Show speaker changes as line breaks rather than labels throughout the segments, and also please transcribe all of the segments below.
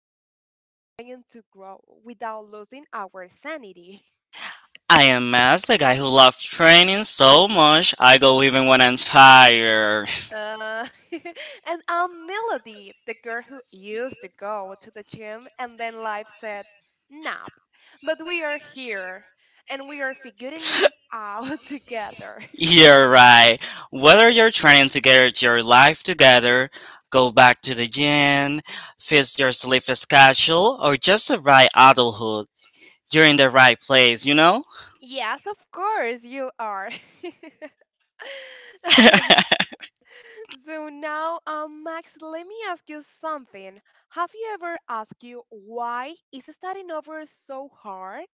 we are all trying to grow without losing our sanity.
I am Max, the guy who loves training so much I go even when I'm tired.
Uh, and I'm Melody, the girl who used to go to the gym and then life said, nap. But we are here and we are figuring it out together.
You're right. Whether you're trying to get your life together, go back to the gym, fix your sleep schedule, or just survive adulthood, you're in the right place, you know?
Yes, of course, you are. So now, Max, let me ask you something. Have you ever asked you why is starting over so hard?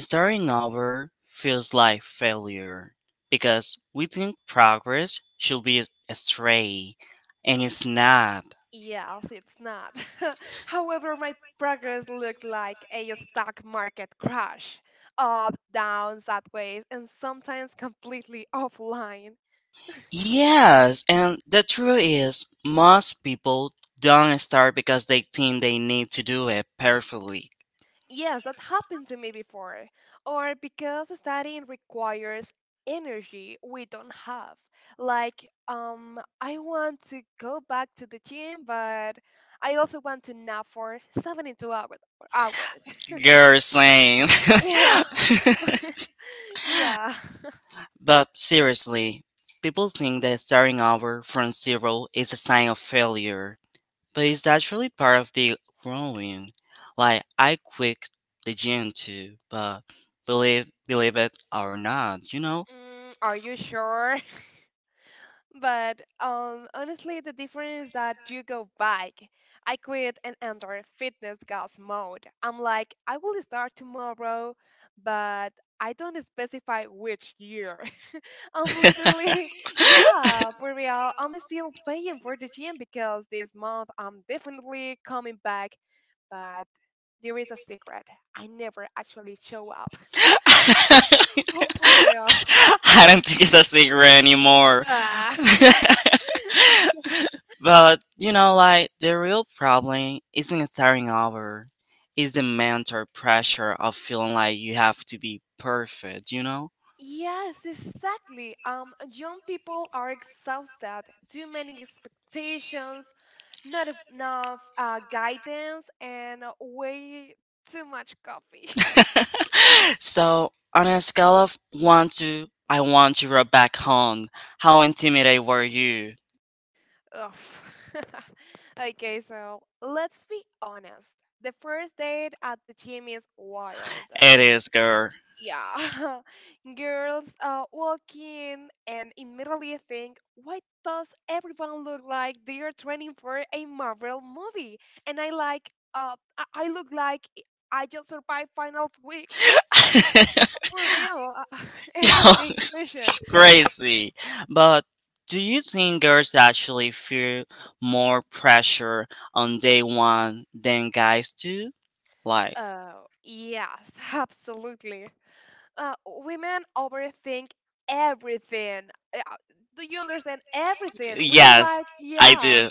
Starting over feels like failure because we think progress should be straight, and it's not.
Yes, it's not. However, my progress looks like a stock market crash, up, down, sideways, and sometimes completely offline.
Yes, and the truth is, most people don't start because they think they need to do it perfectly.
Yes, that happened to me before. Or because studying requires energy we don't have. Like, I want to go back to the gym, but I also want to nap for 72 hours.
You're saying.
yeah. Yeah.
But seriously, people think that starting over from zero is a sign of failure, but it's actually part of the growing. Like, I quit the gym too, but believe it or not, you know?
Mm, are you sure? But honestly, the difference is that you go back. I quit and enter fitness goals mode. I'm like, I will start tomorrow, but I don't specify which year. I'm literally, yeah, for real. I'm still paying for the gym because this month I'm definitely coming back. But there is a secret. I never actually show up.
I
Oh, for real.
don't think it's a secret anymore.
Ah.
But you know, like the real problem isn't starting over. Is the mental pressure of feeling like you have to be perfect, you know?
Yes, exactly. Young people are exhausted. Too many expectations, not enough guidance, and way too much coffee.
So on a scale of one to I want you right back home, how intimidated were you?
Ugh. okay, so let's be honest. The first date at the gym is wild.
It is, girl.
Yeah girls walk in and immediately think, why does everyone look like they are training for a Marvel movie, and I look like I just survived finals week for real
Yo,
it's a big question
it's crazy. But do you think girls actually feel more pressure on day one than guys do? Like,
yes absolutely women overthink everything. Uh, do you understand everything? We're
yes,
like
I
yeah.
do.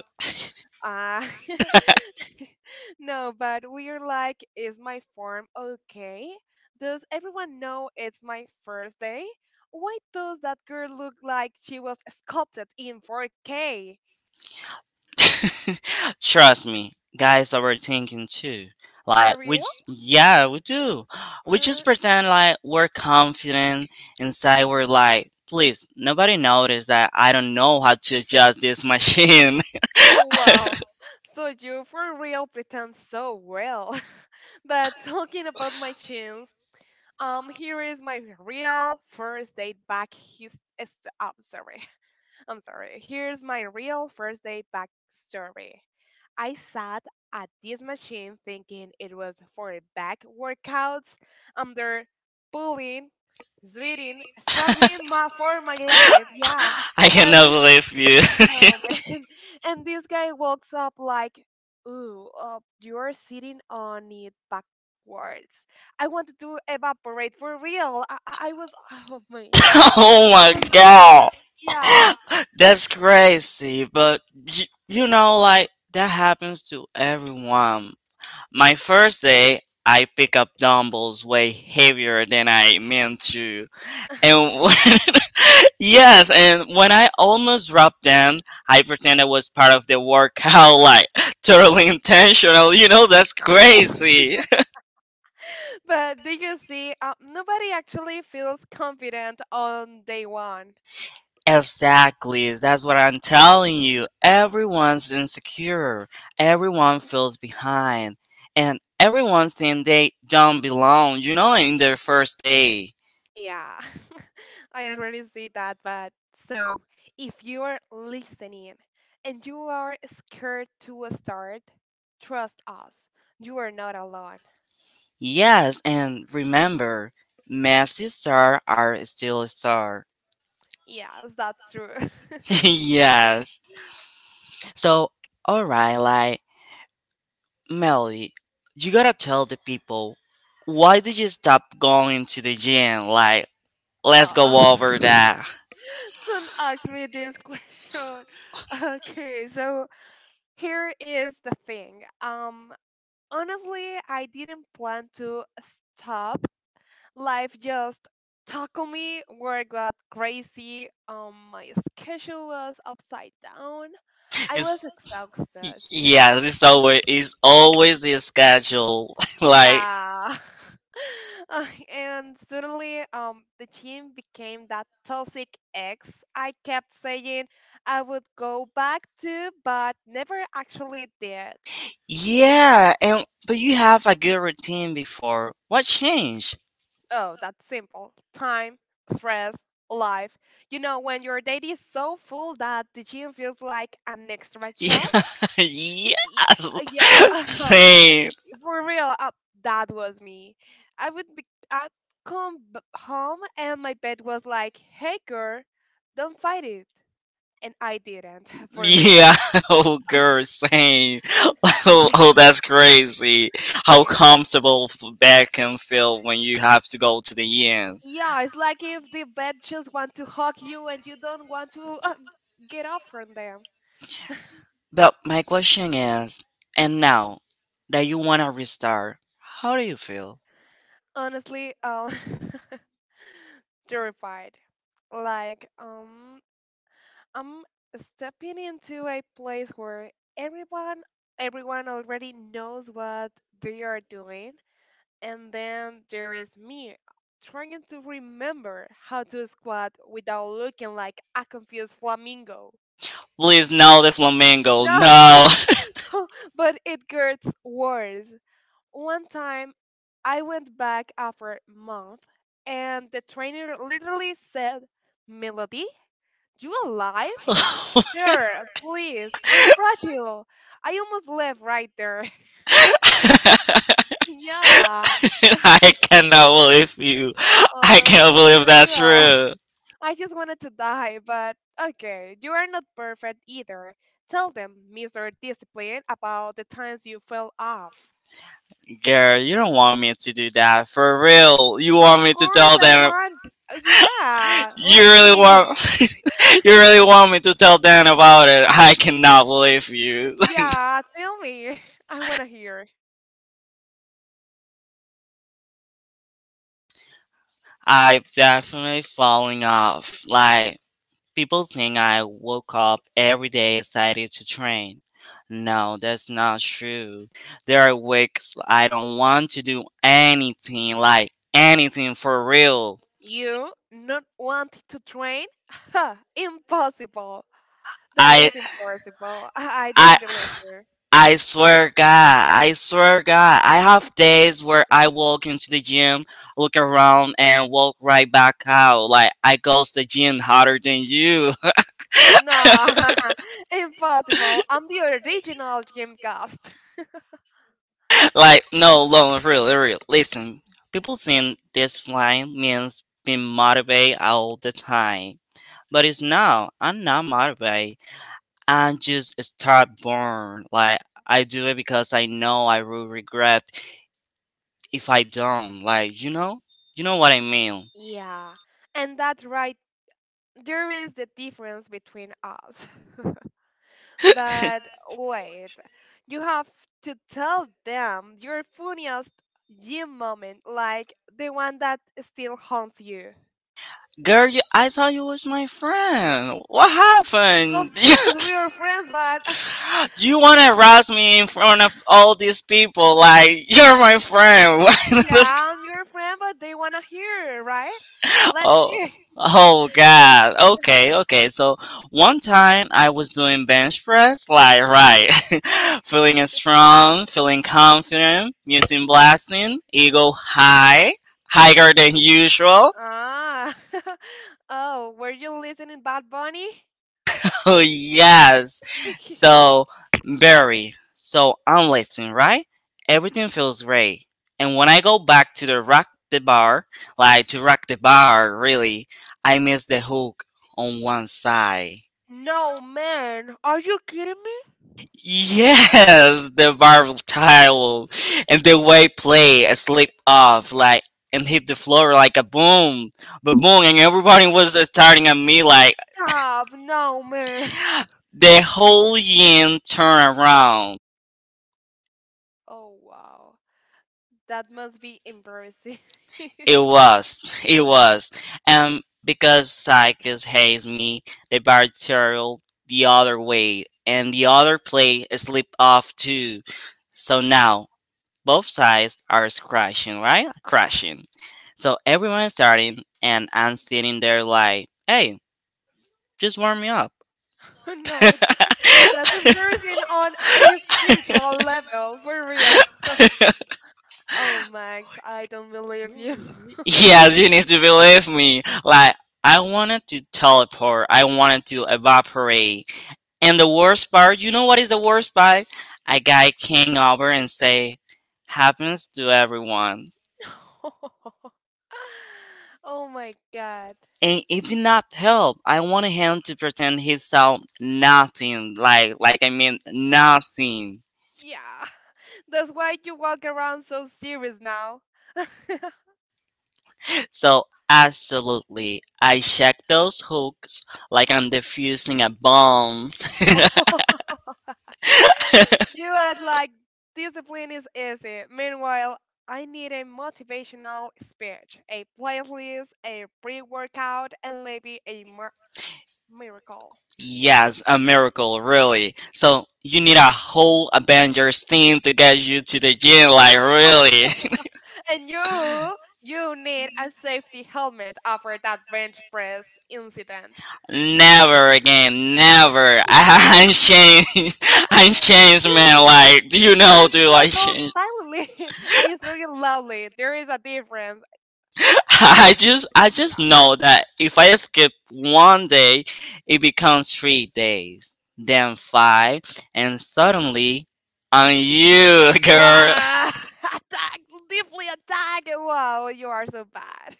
Uh, no, but we're like, is my form okay? Does everyone know it's my first day? Why does that girl look like she was sculpted in 4K?
Trust me, guys overthinking too.
For
Like, we,
real?
yeah, we do. We
Uh,
just pretend like we're confident inside. We're like, please, nobody notice that I don't know how to adjust this machine.
oh, wow. So you for real pretend so well. but talking about my chins, here is my real first date back his, uh, oh, sorry. I'm sorry. Here's my real first day backstory. I sat at this machine thinking it was for back workouts, under pulling, sweating, struggling for my life. Yeah.
I
And
cannot believe you.
no, man. And this guy walks up like, ooh, you're sitting on it backwards. I wanted to evaporate for real. I was, oh my God.
oh
It
my
was so
god.
embarrassing. Yeah.
That's crazy, but you know, like that happens to everyone. My first day, I pick up dumbbells way heavier than I meant to, and yes, and when I almost dropped them, I pretend it was part of the workout, like totally intentional. You know, that's crazy.
But do you see, nobody actually feels confident on day one.
Exactly, that's what I'm telling you. Everyone's insecure, everyone feels behind, and everyone thinks they don't belong, you know, in their first day.
Yeah, I already see that. But so, if you are listening and you are scared to start, trust us, you are not alone.
Yes, and remember, messy star are still a star.
Yes, that's true.
Yes. So, alright, like, Melly, you gotta tell the people why did you stop going to the gym? Like, let's
Ah,
go over that.
don't ask me this question. Okay, so here is the thing. Honestly, I didn't plan to stop. Life just tackled me. Work got crazy. My schedule was upside down. I was
It's
exhausted.
yeah, it's always the schedule. Like
Yeah. Uh, and suddenly, the gym became that toxic ex I kept saying I would go back to, but never actually did.
yeah, and but you have a good routine before. What changed?
Oh, that's simple. Time, stress, life. You know, when your day is so full that the gym feels like an extra job,
Yeah,
Y-
yes,
yeah
same.
for real that was me. I would be i'd come home and my bed was like, hey girl, don't fight it, and I didn't. for real.
Yeah, oh girl, same. Oh, oh, that's crazy.
Oh
How
yeah.
comfortable back can feel when you have to go to the end.
yeah, it's like if the bed just want to hug you and you don't want to get off from them.
But my question is, and now that you wanna restart, how do you feel?
Honestly, terrified, like I'm stepping into a place where everyone everyone already knows what they are doing, and then there is me trying to remember how to squat without looking like a confused flamingo.
Please no, the flamingo.
No,
No.
but it gets worse. One time I went back after a month and the trainer literally said, "Melody, you alive?" Sir, please, I'm fragile. I almost left right there. Yeah,
I cannot believe you. I cannot believe
for
that's
real.
true.
I just wanted to die, but okay, you are not perfect either. Tell them, Mr. Discipline, about the times you fell off.
Girl, you don't want me to do that. For real. You want
Of
me to
course,
tell
I
them
want. Yeah,
you
let's
really
see.
want you really want me to tell Dan about it. I cannot believe you.
Yeah, tell me. I want to hear.
I'm definitely falling off. Like People think I woke up every day excited to train. No, that's not true. There are weeks I don't want to do anything, like anything for real.
You not want to train? Ha, impossible. That
I
is impossible. I
I
don't believe you.
I swear God, I swear God, I have days where I walk into the gym, look around and walk right back out. Like I goes to the gym harder than you.
No, impossible. I'm the original Gymcast.
Like, no, loan, really, real. For real. Listen, people think this line means being motivated all the time. But it's not. I'm not motivated. I'm just start born. Like, I do it because I know I will regret if I don't. Like, you know? You know what I mean?
Yeah, and that right there is the difference between us. But wait, you have to tell them your funniest gym moment, like the one that still haunts you.
Girl, you, I thought you was my friend. What
Of
happened?
course, we are friends, but
You want to harass me in front of all these people? Like, you're my friend. Why this?
yeah, I'm your friend, but they wanna hear, right? Let's
Oh.
see.
Oh God. Okay, okay. So one time I was doing bench press, like right, feeling it strong, feeling confident, using blasting, ego high, higher than usual.
Ah, oh, were you listening, Bad Bunny?
Oh yes. So very. So I'm lifting, right? Everything feels great. And when I go back to the rock the bar, like to rock the bar, really, I miss the hook on one side.
No, man. Are you kidding me?
Yes, the volatile and the way play a slip off like and hit the floor like a boom, but boom, and everybody was staring at me like
Stop. No, man.
the whole yin turned around.
Oh, wow. That must be embarrassing.
It was, because Psychus hates me, the bartell the other way, and the other play slipped off too. So now both sides are crashing, right? Crashing. So everyone's starting, and I'm sitting there like, hey, just warm me up.
no, that's embarrassing on a spiritual level, for real. Oh, Max, I don't believe you.
Yeah, you need to believe me. Like, I wanted to teleport, I wanted to evaporate. And the worst part, you know what is the worst part? A guy came over and say, happens to everyone.
oh, my God.
And it did not help. I wanted him to pretend he saw nothing, like I mean nothing.
Yeah. That's why you walk around so serious now.
So absolutely, I checked those hooks like I'm defusing a bomb.
You had like discipline is easy. Meanwhile, I need a motivational speech, a playlist, a pre-workout, and maybe a miracle.
Yes, a miracle, really. So you need a whole Avengers team to get you to the gym, like
Yeah.
really.
And you need a safety helmet after that bench press incident.
Never again, never. I'm changed. I'm changed, man.
You,
Like, do you know,
you
dude? I
struggle
changed.
silently. I struggle loudly. There is a difference.
I just
Yeah.
know that if I skip one day, it becomes three days, then five, and suddenly I'm you, girl.
Wow. Attack, deeply attack. Wow, you are so bad.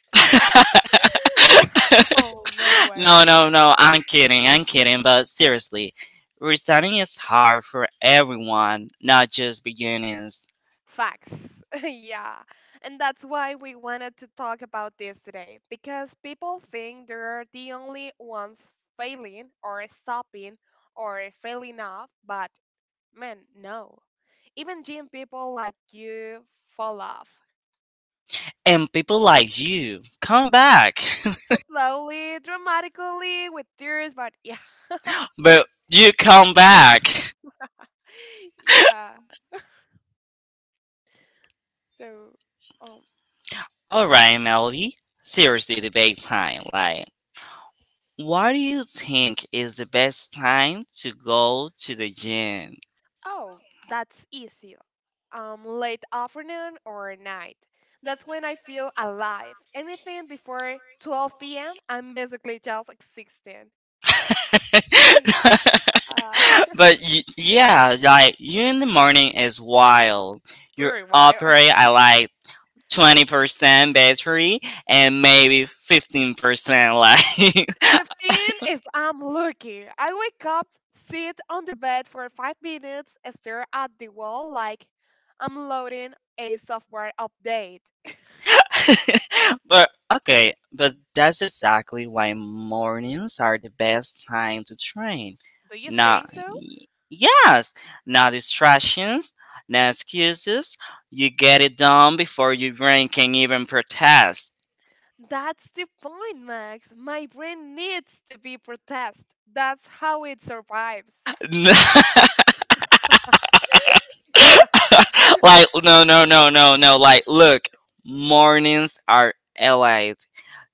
oh no way.
No, no, no. I'm kidding. I'm kidding. But seriously, resigning is hard for everyone, not just beginners.
Facts. yeah. And that's why we wanted to talk about this today, because people think they're the only ones failing or stopping or failing off, but man, no. Even gym people like you fall off.
And people like you come back,
Slowly, dramatically, with tears, but yeah.
but you come back.
yeah. So, um,
All right, Melody. Seriously, debate time. Like. What do you think is the best time to go to the gym?
oh, that's easy. Late afternoon or night. That's when I feel alive. Anything before 12 p.m., I'm basically just like 16. uh,
But yeah, like you in the morning is wild. You
very wild.
operate at like 20% battery and maybe 15% light.
15 if I'm lucky. I wake up, sit on the bed for 5 minutes, stare at the wall like I'm loading a software update.
But okay, but that's exactly why mornings are the best time to train.
Do you
Not
think so?
yes, no distractions, no excuses. You get it done before your brain can even protest.
That's the point, Max. My brain needs to be processed. That's how it survives.
Like no no no no no like look, mornings are allied,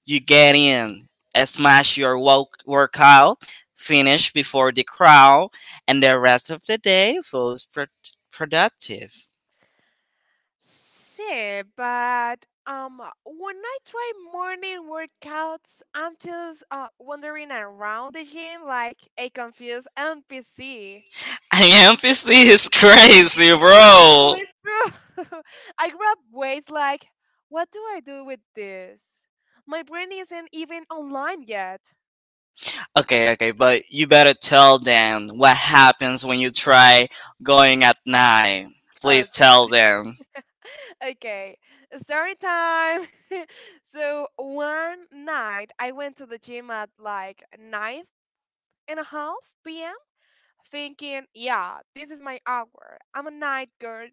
you get in, smash your workout, finish before the crowd, and the rest of the day feels productive.
See, but when I try morning workouts, I'm just wandering around the gym like a confused NPC.
NPC is crazy bro.
True, true. I grab weights like, what do I do with this? My brain isn't even online yet.
Okay okay, but you better tell them what happens when you try going at night,
Oh
please tell
God.
them.
Okay, story time. so one night I went to the gym at like nine and a half p.m. thinking, yeah, this is my hour. I'm a night girl.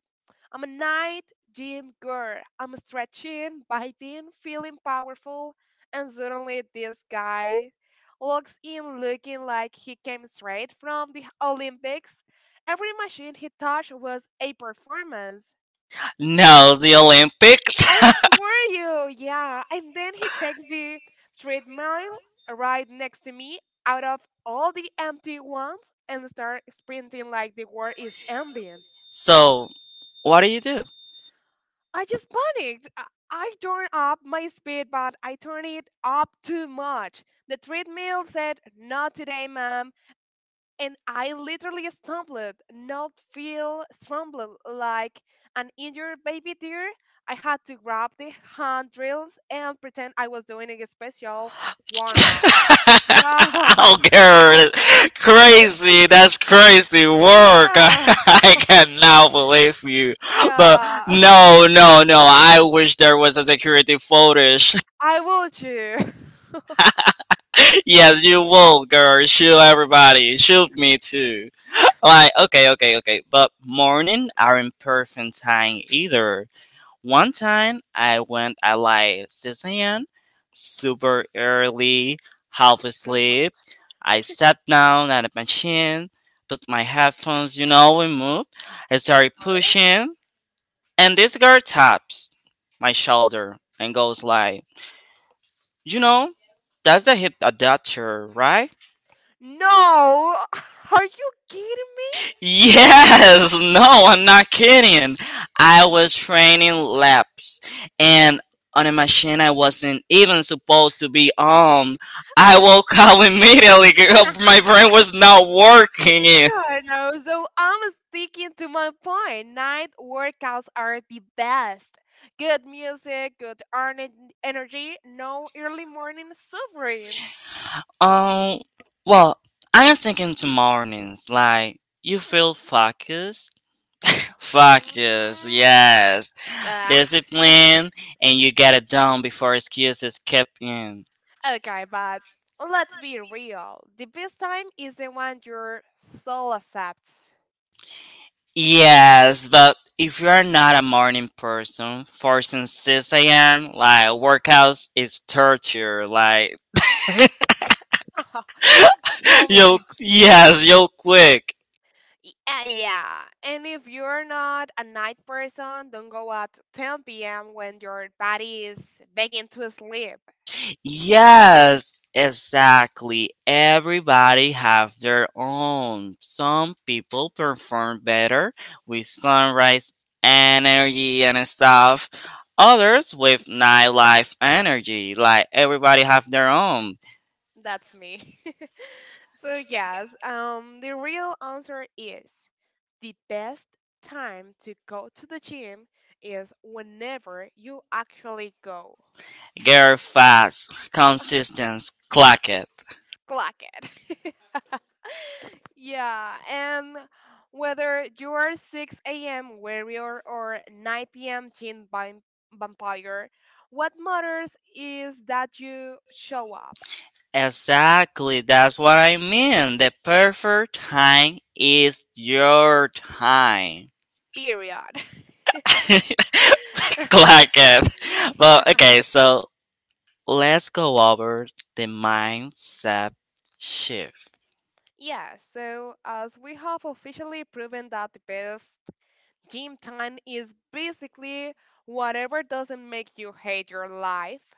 I'm a night gym girl. I'm stretching, biting, feeling powerful, and suddenly this guy walks in looking like he came straight from the Olympics. Every machine he touched was a performance.
No, the Olympics.
I swear you, yeah. And then he takes the treadmill right next to me out of all the empty ones and start sprinting like the world is ending.
So, what do you do?
I just panicked. I turned up my speed, but I turned it up too much. The treadmill said, not today, ma'am, and I literally stumbled, not feel stumbled, like an injured baby deer. I had to grab the handrails and pretend I was doing a special warm up. Yeah.
I'll crazy. That's crazy work.
yeah.
I cannot believe you. But
Yeah.
no, no, no. I wish there was a security footage.
I will too.
Yes, you will, girl. Shoot everybody. Shoot me too. Like, okay, okay, okay. But morning aren't perfect time either. One time I went at like 6 a.m., super early, half
Too much,
asleep. I sat down at a machine, put my headphones, you know, we move. I
of
started
course.
pushing, and this girl taps my shoulder and goes like, you know, that's the hip adapter, right?
No. Are you kidding me?
Yes, no, I'm not kidding. I was training laps and on a machine I wasn't even supposed to be on. I woke up immediately. Girl. My brain was not working.
No, no. So I'm sticking to my point. Night workouts are the best. Good music, good energy, no early morning suffering.
Um, well, I was thinking to mornings, like, you feel focused? Focus,
Mhm.
yes.
Ah,
Discipline, and you get it done before excuses kept in.
okay, but let's be real. The best time is the one your soul accepts.
Yes, but if you are not a morning person, forcing 6 a.m., like workouts is torture. Like,
Tell me
you'll,
that.
yes, you'll quick.
Yeah. And if you're not a night person, don't go at 10 p.m. when your body is begging to sleep.
Yes, exactly. Everybody have their own. Some people perform better with sunrise energy and stuff. Others with nightlife energy. Like everybody have their own.
That's me. so yes, the real answer is the best time to go to the gym is whenever you actually go.
Girl fast, consistent, clock it.
Clock it. yeah, and whether you are 6 a.m. warrior or 9 p.m. Vampire, what matters is that you show up.
Exactly, that's what I mean. The perfect time is your time.
Period.
Clock it. Well, okay, so let's go over the mindset shift.
Yeah, so as we have officially proven that the best gym time is basically whatever doesn't make you hate your life.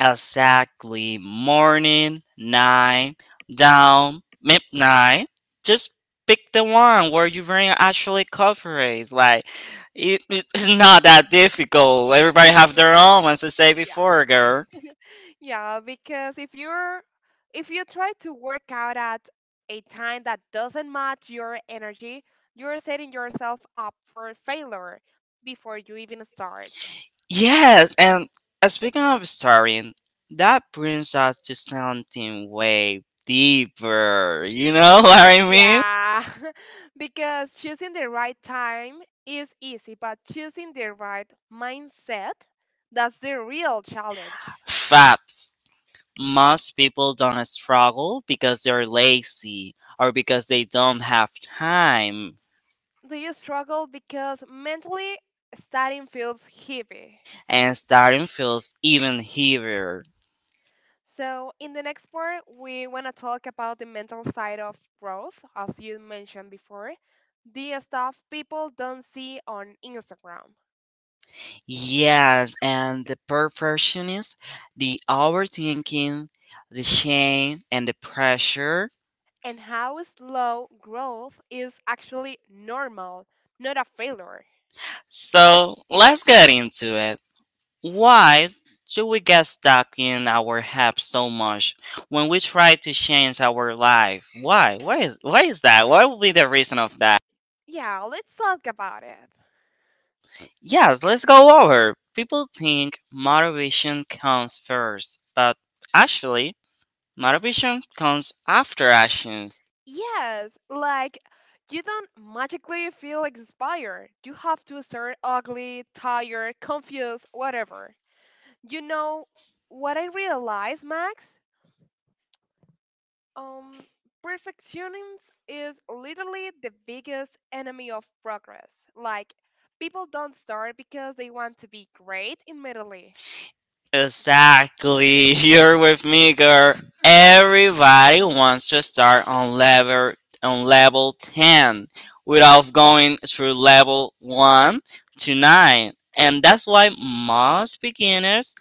Exactly. Morning, night, down, midnight. Just pick the one where your brain actually cooperates. Like, it's not that difficult. Everybody have their own, as I say
yeah.
before, girl.
Yeah, because if you're if you try to work out at a time that doesn't match your energy, you're setting yourself up for failure before you even start.
Yes, and speaking of starring, that brings us to something way deeper. You know what I mean?
Yeah, because choosing the right time is easy, but choosing the right mindset, that's the real challenge.
Fabs. Most people don't struggle because they're lazy or because they don't have time.
Do you struggle because mentally studying feels heavy?
And starting feels even heavier.
So, in the next part, we want to talk about the mental side of growth, as you mentioned before, the stuff people don't see on Instagram,
Yes, and the perfectionist, the overthinking, the shame, and the pressure.
and how slow growth is actually normal, not a failure.
So let's get into it. Why do we get stuck in our head so much when we try to change our life? Why? Why is that? What would be the reason of that?
Yeah, let's talk about it.
Yes, let's go over. People think motivation comes first, but actually, motivation comes after actions.
Yes, like you don't magically feel inspired. You have to start ugly, tired, confused, whatever. You know what I realized, Max? Um, perfectionism is literally the biggest enemy of progress. Like people don't start because they want to be great immediately.
Exactly. You're with me, girl. Everybody wants to start on level 10 without going through level 1 to 9. And that's why most beginners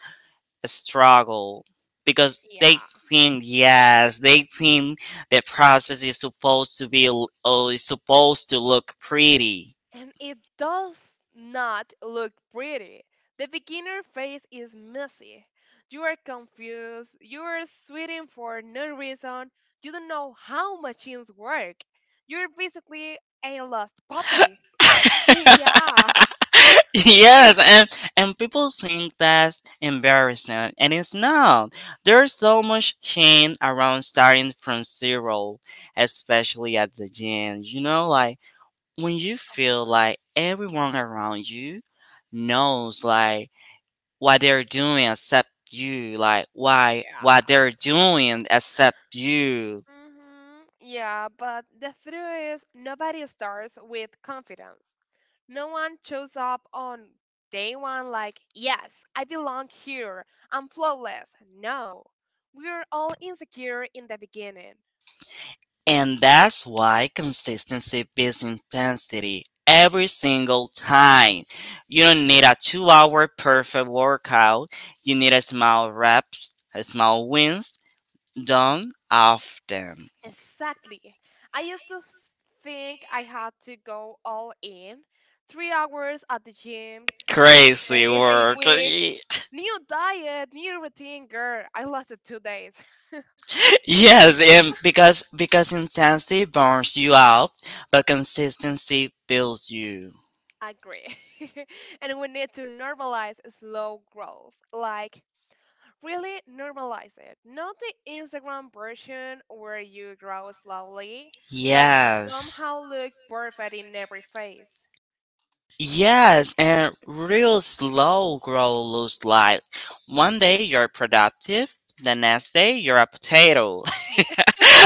struggle because they
Yeah.
think the process is supposed to look pretty.
And it does not look pretty. The beginner phase is messy. You are confused, you are sweating for no reason, you don't know how machines work. You're basically a lost puppy. Yeah.
yes and and people think that's embarrassing, and it's not. There's so much shame around starting from zero, especially at the gym, you know, like when you
Of
feel
course.
like everyone around you knows, like, what
Yeah.
they're doing except you.
Yeah, but the truth is, nobody starts with confidence. No one shows up on day one like, yes, I belong here, I'm flawless. No, we're all insecure in the beginning.
And that's why consistency beats intensity every single time. You don't need a 2 hour perfect workout, you need a small reps, a small wins, done often.
Exactly. I used to s- think I had to go all in 3 hours at the gym, six
Crazy
days a
work.
week, new diet, new routine. Girl, I lasted 2 days.
yes and because Intensity burns you out, but consistency builds you.
Agree. And we need to normalize slow growth. Like, really normalize it. Not the Instagram version where you grow slowly, but
Yes.
somehow look perfect in every phase.
Yes, and real slow grow looks like one day you're productive, the next day you're a potato.
Me.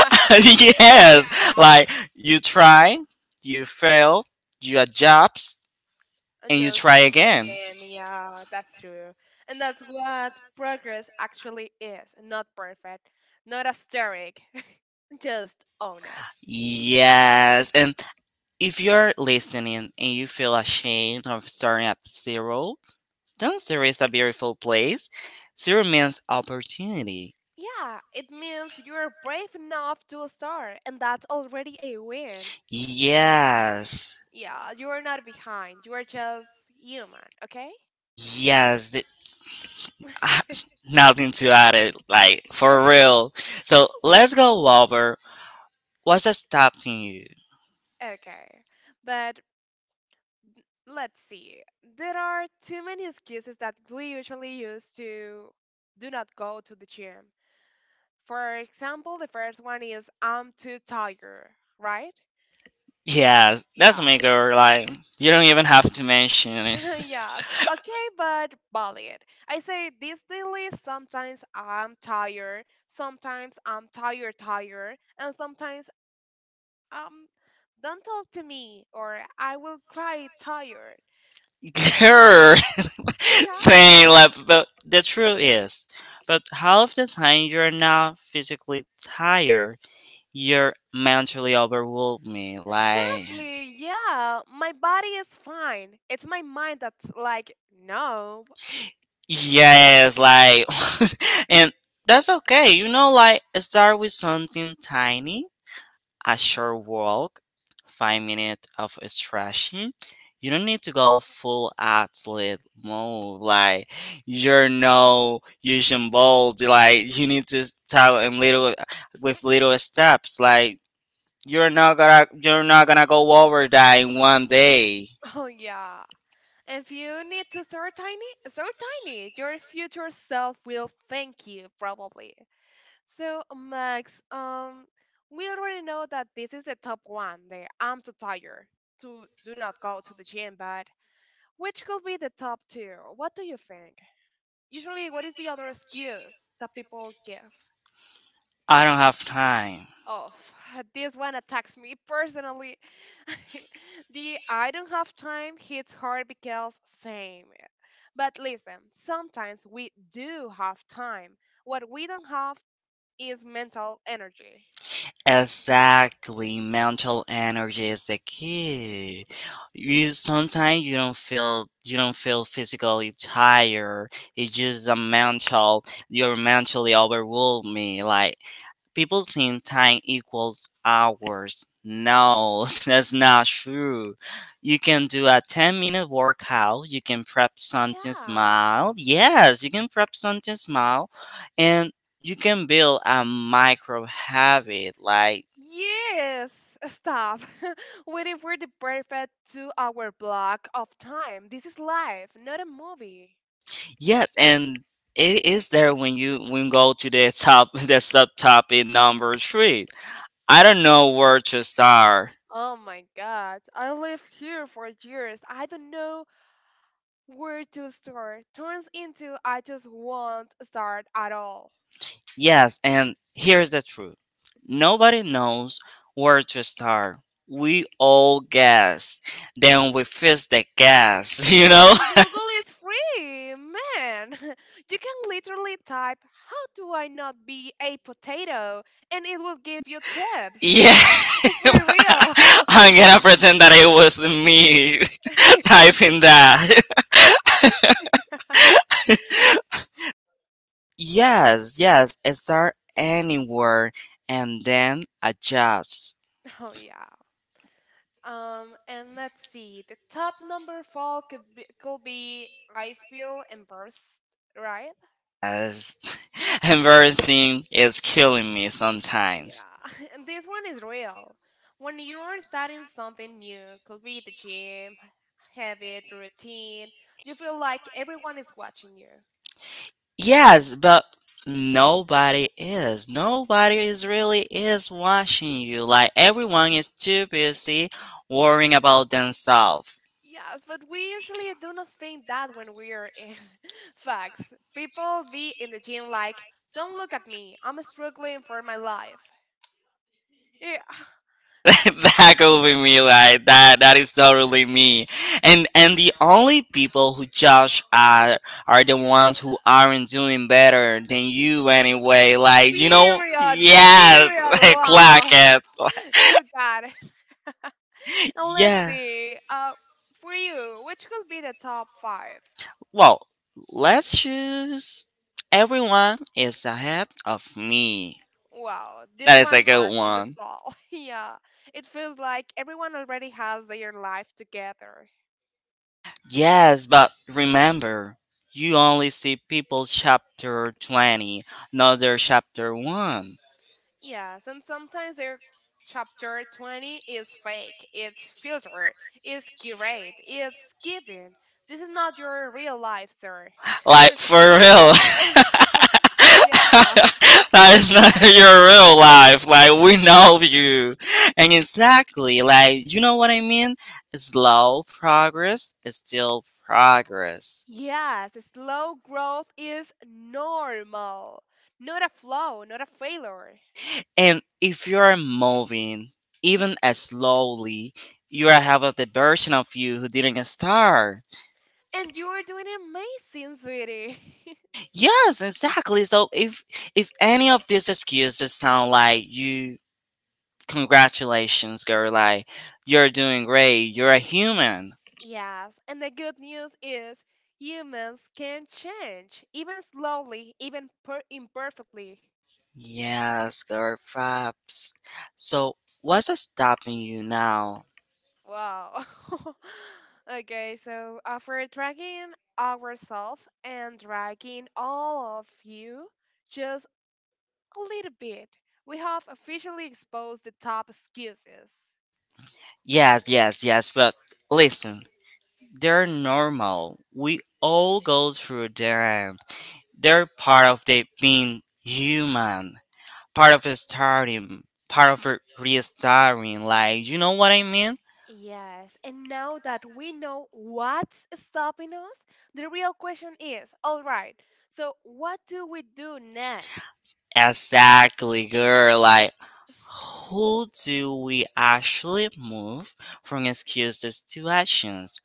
yeah.
Yes, like you try, you fail, you adjust,
And
and you
just
try again.
and yeah, that's true. And that's what progress actually is. Not perfect. Not asterisk. Just honest.
Yes, and if you're listening and you feel ashamed of starting at zero, don't. Zero is a beautiful place. Zero means opportunity.
Yeah, it means you're brave enough to start, and that's already a win.
Yes.
Yeah, you're not behind. You're just human, okay?
Yes. Nothing to add it. Like, for real. So, let's go over what's stopping you.
Okay, but let's see. There are too many excuses that we usually use to do not go to the gym. For example, the first one is I'm too tired, right?
Yeah, that's
Yeah.
me, girl. Like, you don't even have to mention it.
Yes, okay, but valid. I say this daily, sometimes I'm tired, tired, and sometimes um don't talk to me or I will cry tired.
Girl,
Yeah.
saying like, but the truth is, but half the time you're not physically tired, you're mentally overwhelmed. Me, like,
Exactly. Yeah. My body is fine. It's my mind that's like, no.
yes, like, and that's okay. You know, like, start with something tiny, a short walk, 5 minutes of stretching. You don't need to go full athlete mode, like you're no Usain Bolt. Like you need to start in little with little steps. Like you're not gonna go over that in one day.
Oh, yeah. If you need to start tiny, start tiny. Your future self will thank you, probably. So, Max, we already know that this is the top one. The I'm too tired to do not go to the gym, but which could be the top two? What do you think? Usually, what is the other excuse that people give?
I don't have time.
Oh, this one attacks me personally. The I don't have time hits hard because same. But listen, sometimes we do have time. What we don't have is mental energy.
Exactly, mental energy is the key. You sometimes you don't feel physically tired. It's just a mental. You're mentally overwhelming. Like people think time equals hours. No, that's not true. You can do a 10 minute workout. You can prep something
Yeah.
small. Yes, you can prep something small, and you can build a micro habit. Like
Yes, stop. Waiting for the perfect 2 hour block of time. This is life, not a movie.
yes, and it is there when you go to the top. The subtopic number three. I don't know where to start.
Oh my god, I lived here for years. I don't know where to start turns into I just won't start at all.
Yes, and here's the truth. Nobody knows where to start. We all guess. Then we fix the guess. You know?
And Google is free, man. You can literally type, how do I not be a potato? And it will give you tips.
Yeah.
For real.
I'm gonna pretend that it was me typing that. Yes, yes, start anywhere and then adjust.
Oh, yeah. And let's see. The top number fall could be I feel embarrassed, right?
Yes. Embarrassing is killing me sometimes.
Yeah, and this one is real. When you're starting something new, could be the gym, habit, routine, you feel like everyone is watching you.
Yes, but nobody is. Nobody is really is watching you. Like everyone is too busy worrying about themselves.
Yes, but we usually do not think that when we're in facts. People be in the gym like, don't look at me, I'm struggling for my life. Yeah,
That could be me, like that is totally me. And the only people who judge are the ones who aren't doing better than you anyway, like, you know.
period,
Yes.
period,
Clock
wow,
it.
you got it. And let's
Yeah.
see, for you, which could be the top five?
Well, let's choose. Everyone is ahead of me.
Wow, this
That is a
one
good
hurts in the
one.
soul. Yeah, it feels like everyone already has their life together.
Yes, but remember, you only see people's chapter 20, not their chapter 1.
Yes, and sometimes their chapter 20 is fake, it's filtered, it's curated, it's given. This is not your real life, sir.
Like, for real.
Yeah.
That's not your real life. Like, we know you. And exactly, like, you know what I mean? Slow progress is still progress.
Yes, slow growth is normal, not a flaw, not a failure.
And if you're moving even as slowly, you are have a the version of you who didn't start.
And you're doing amazing, sweetie.
Yes, exactly. So if any of these excuses sound like you, congratulations, girl. Like, you're doing great. You're a human.
Yes, and the good news is humans can change, even slowly, even imperfectly.
Yes, girl, Fabs. So, what's stopping you now?
Wow. Okay, so after dragging ourselves and dragging all of you just a little bit, we have officially exposed the top excuses.
Yes, yes, yes, but listen, they're normal. We all go through them. They're part of the being human, part of the starting, part of the restarting. Like, you know what I mean?
Yes, and now that we know what's stopping us, the real question is all right, so what do we do next?
Exactly, girl. Like, who do we actually move from excuses to actions?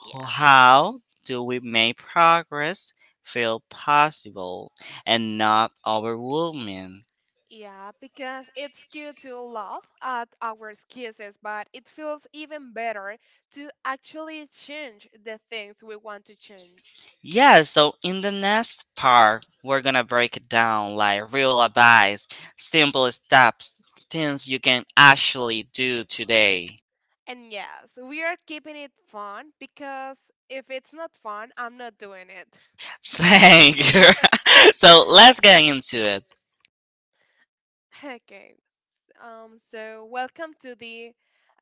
Yeah,
How do we make progress feel possible and not overwhelming?
yeah, because it's cute to laugh at our excuses, but it feels even better to actually change the things we want to change.
Yeah, so in the next part, we're gonna break it down like real advice, simple steps, things you can actually do today.
And yes, we are keeping it fun because if it's not fun, I'm not doing it.
Thank you. So let's get into it.
Okay, so welcome to the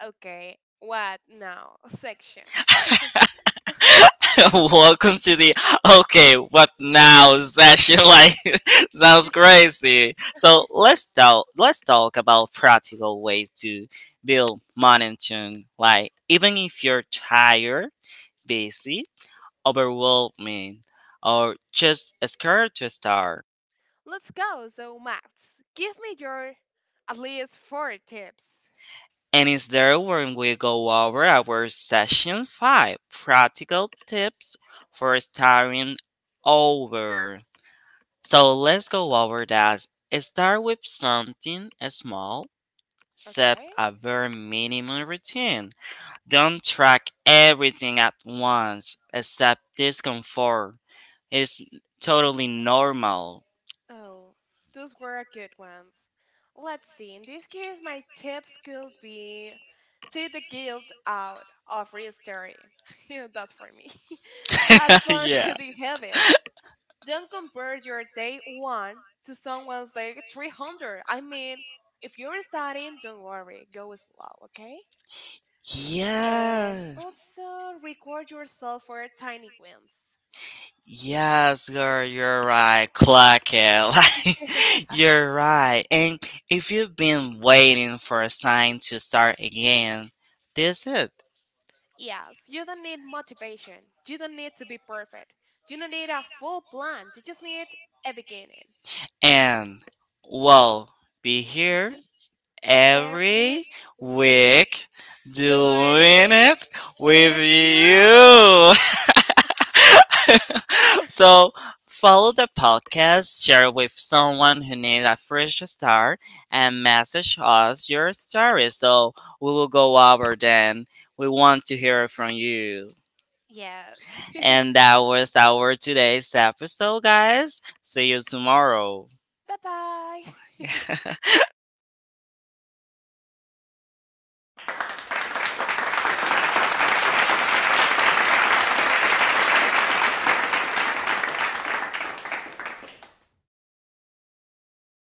okay, what now section.
Welcome to the okay, what now session? Like, sounds crazy. So let's talk. Let's talk about practical ways to build momentum. Like, even if you're tired, busy, overwhelming, or just scared to start.
Let's go. So, Max, give me your at least four tips.
And is there when we go over our session five practical tips for starting over. So let's go over that. Start with something small. Set
Okay.
a very minimum routine. Don't track everything at once, except discomfort. It's totally normal.
Oh, those were good ones. Let's see. In this case, my tips could be take the guilt out of restarting. Yeah, that's for me. Add fun
Yeah.
to the habit. Don't compare your day one to someone's like 300. I mean, if you're starting, don't worry. Go slow, okay? And
Yes.
also record yourself for tiny wins.
Yes, girl, you're right. Clock it. Like, you're right. And if you've been waiting for a sign to start again, this is it.
Yes, you don't need motivation. You don't need to be perfect. You don't need a full plan. You just need a beginning.
And we'll be here
We every
every
week
week
doing
doing
it
it with
with you.
you. So follow the podcast, share it with someone who needs a fresh start, and message us your story. So we will go over then. We want to hear from you.
Yes.
And that was our today's episode, guys. See you tomorrow.
Bye bye.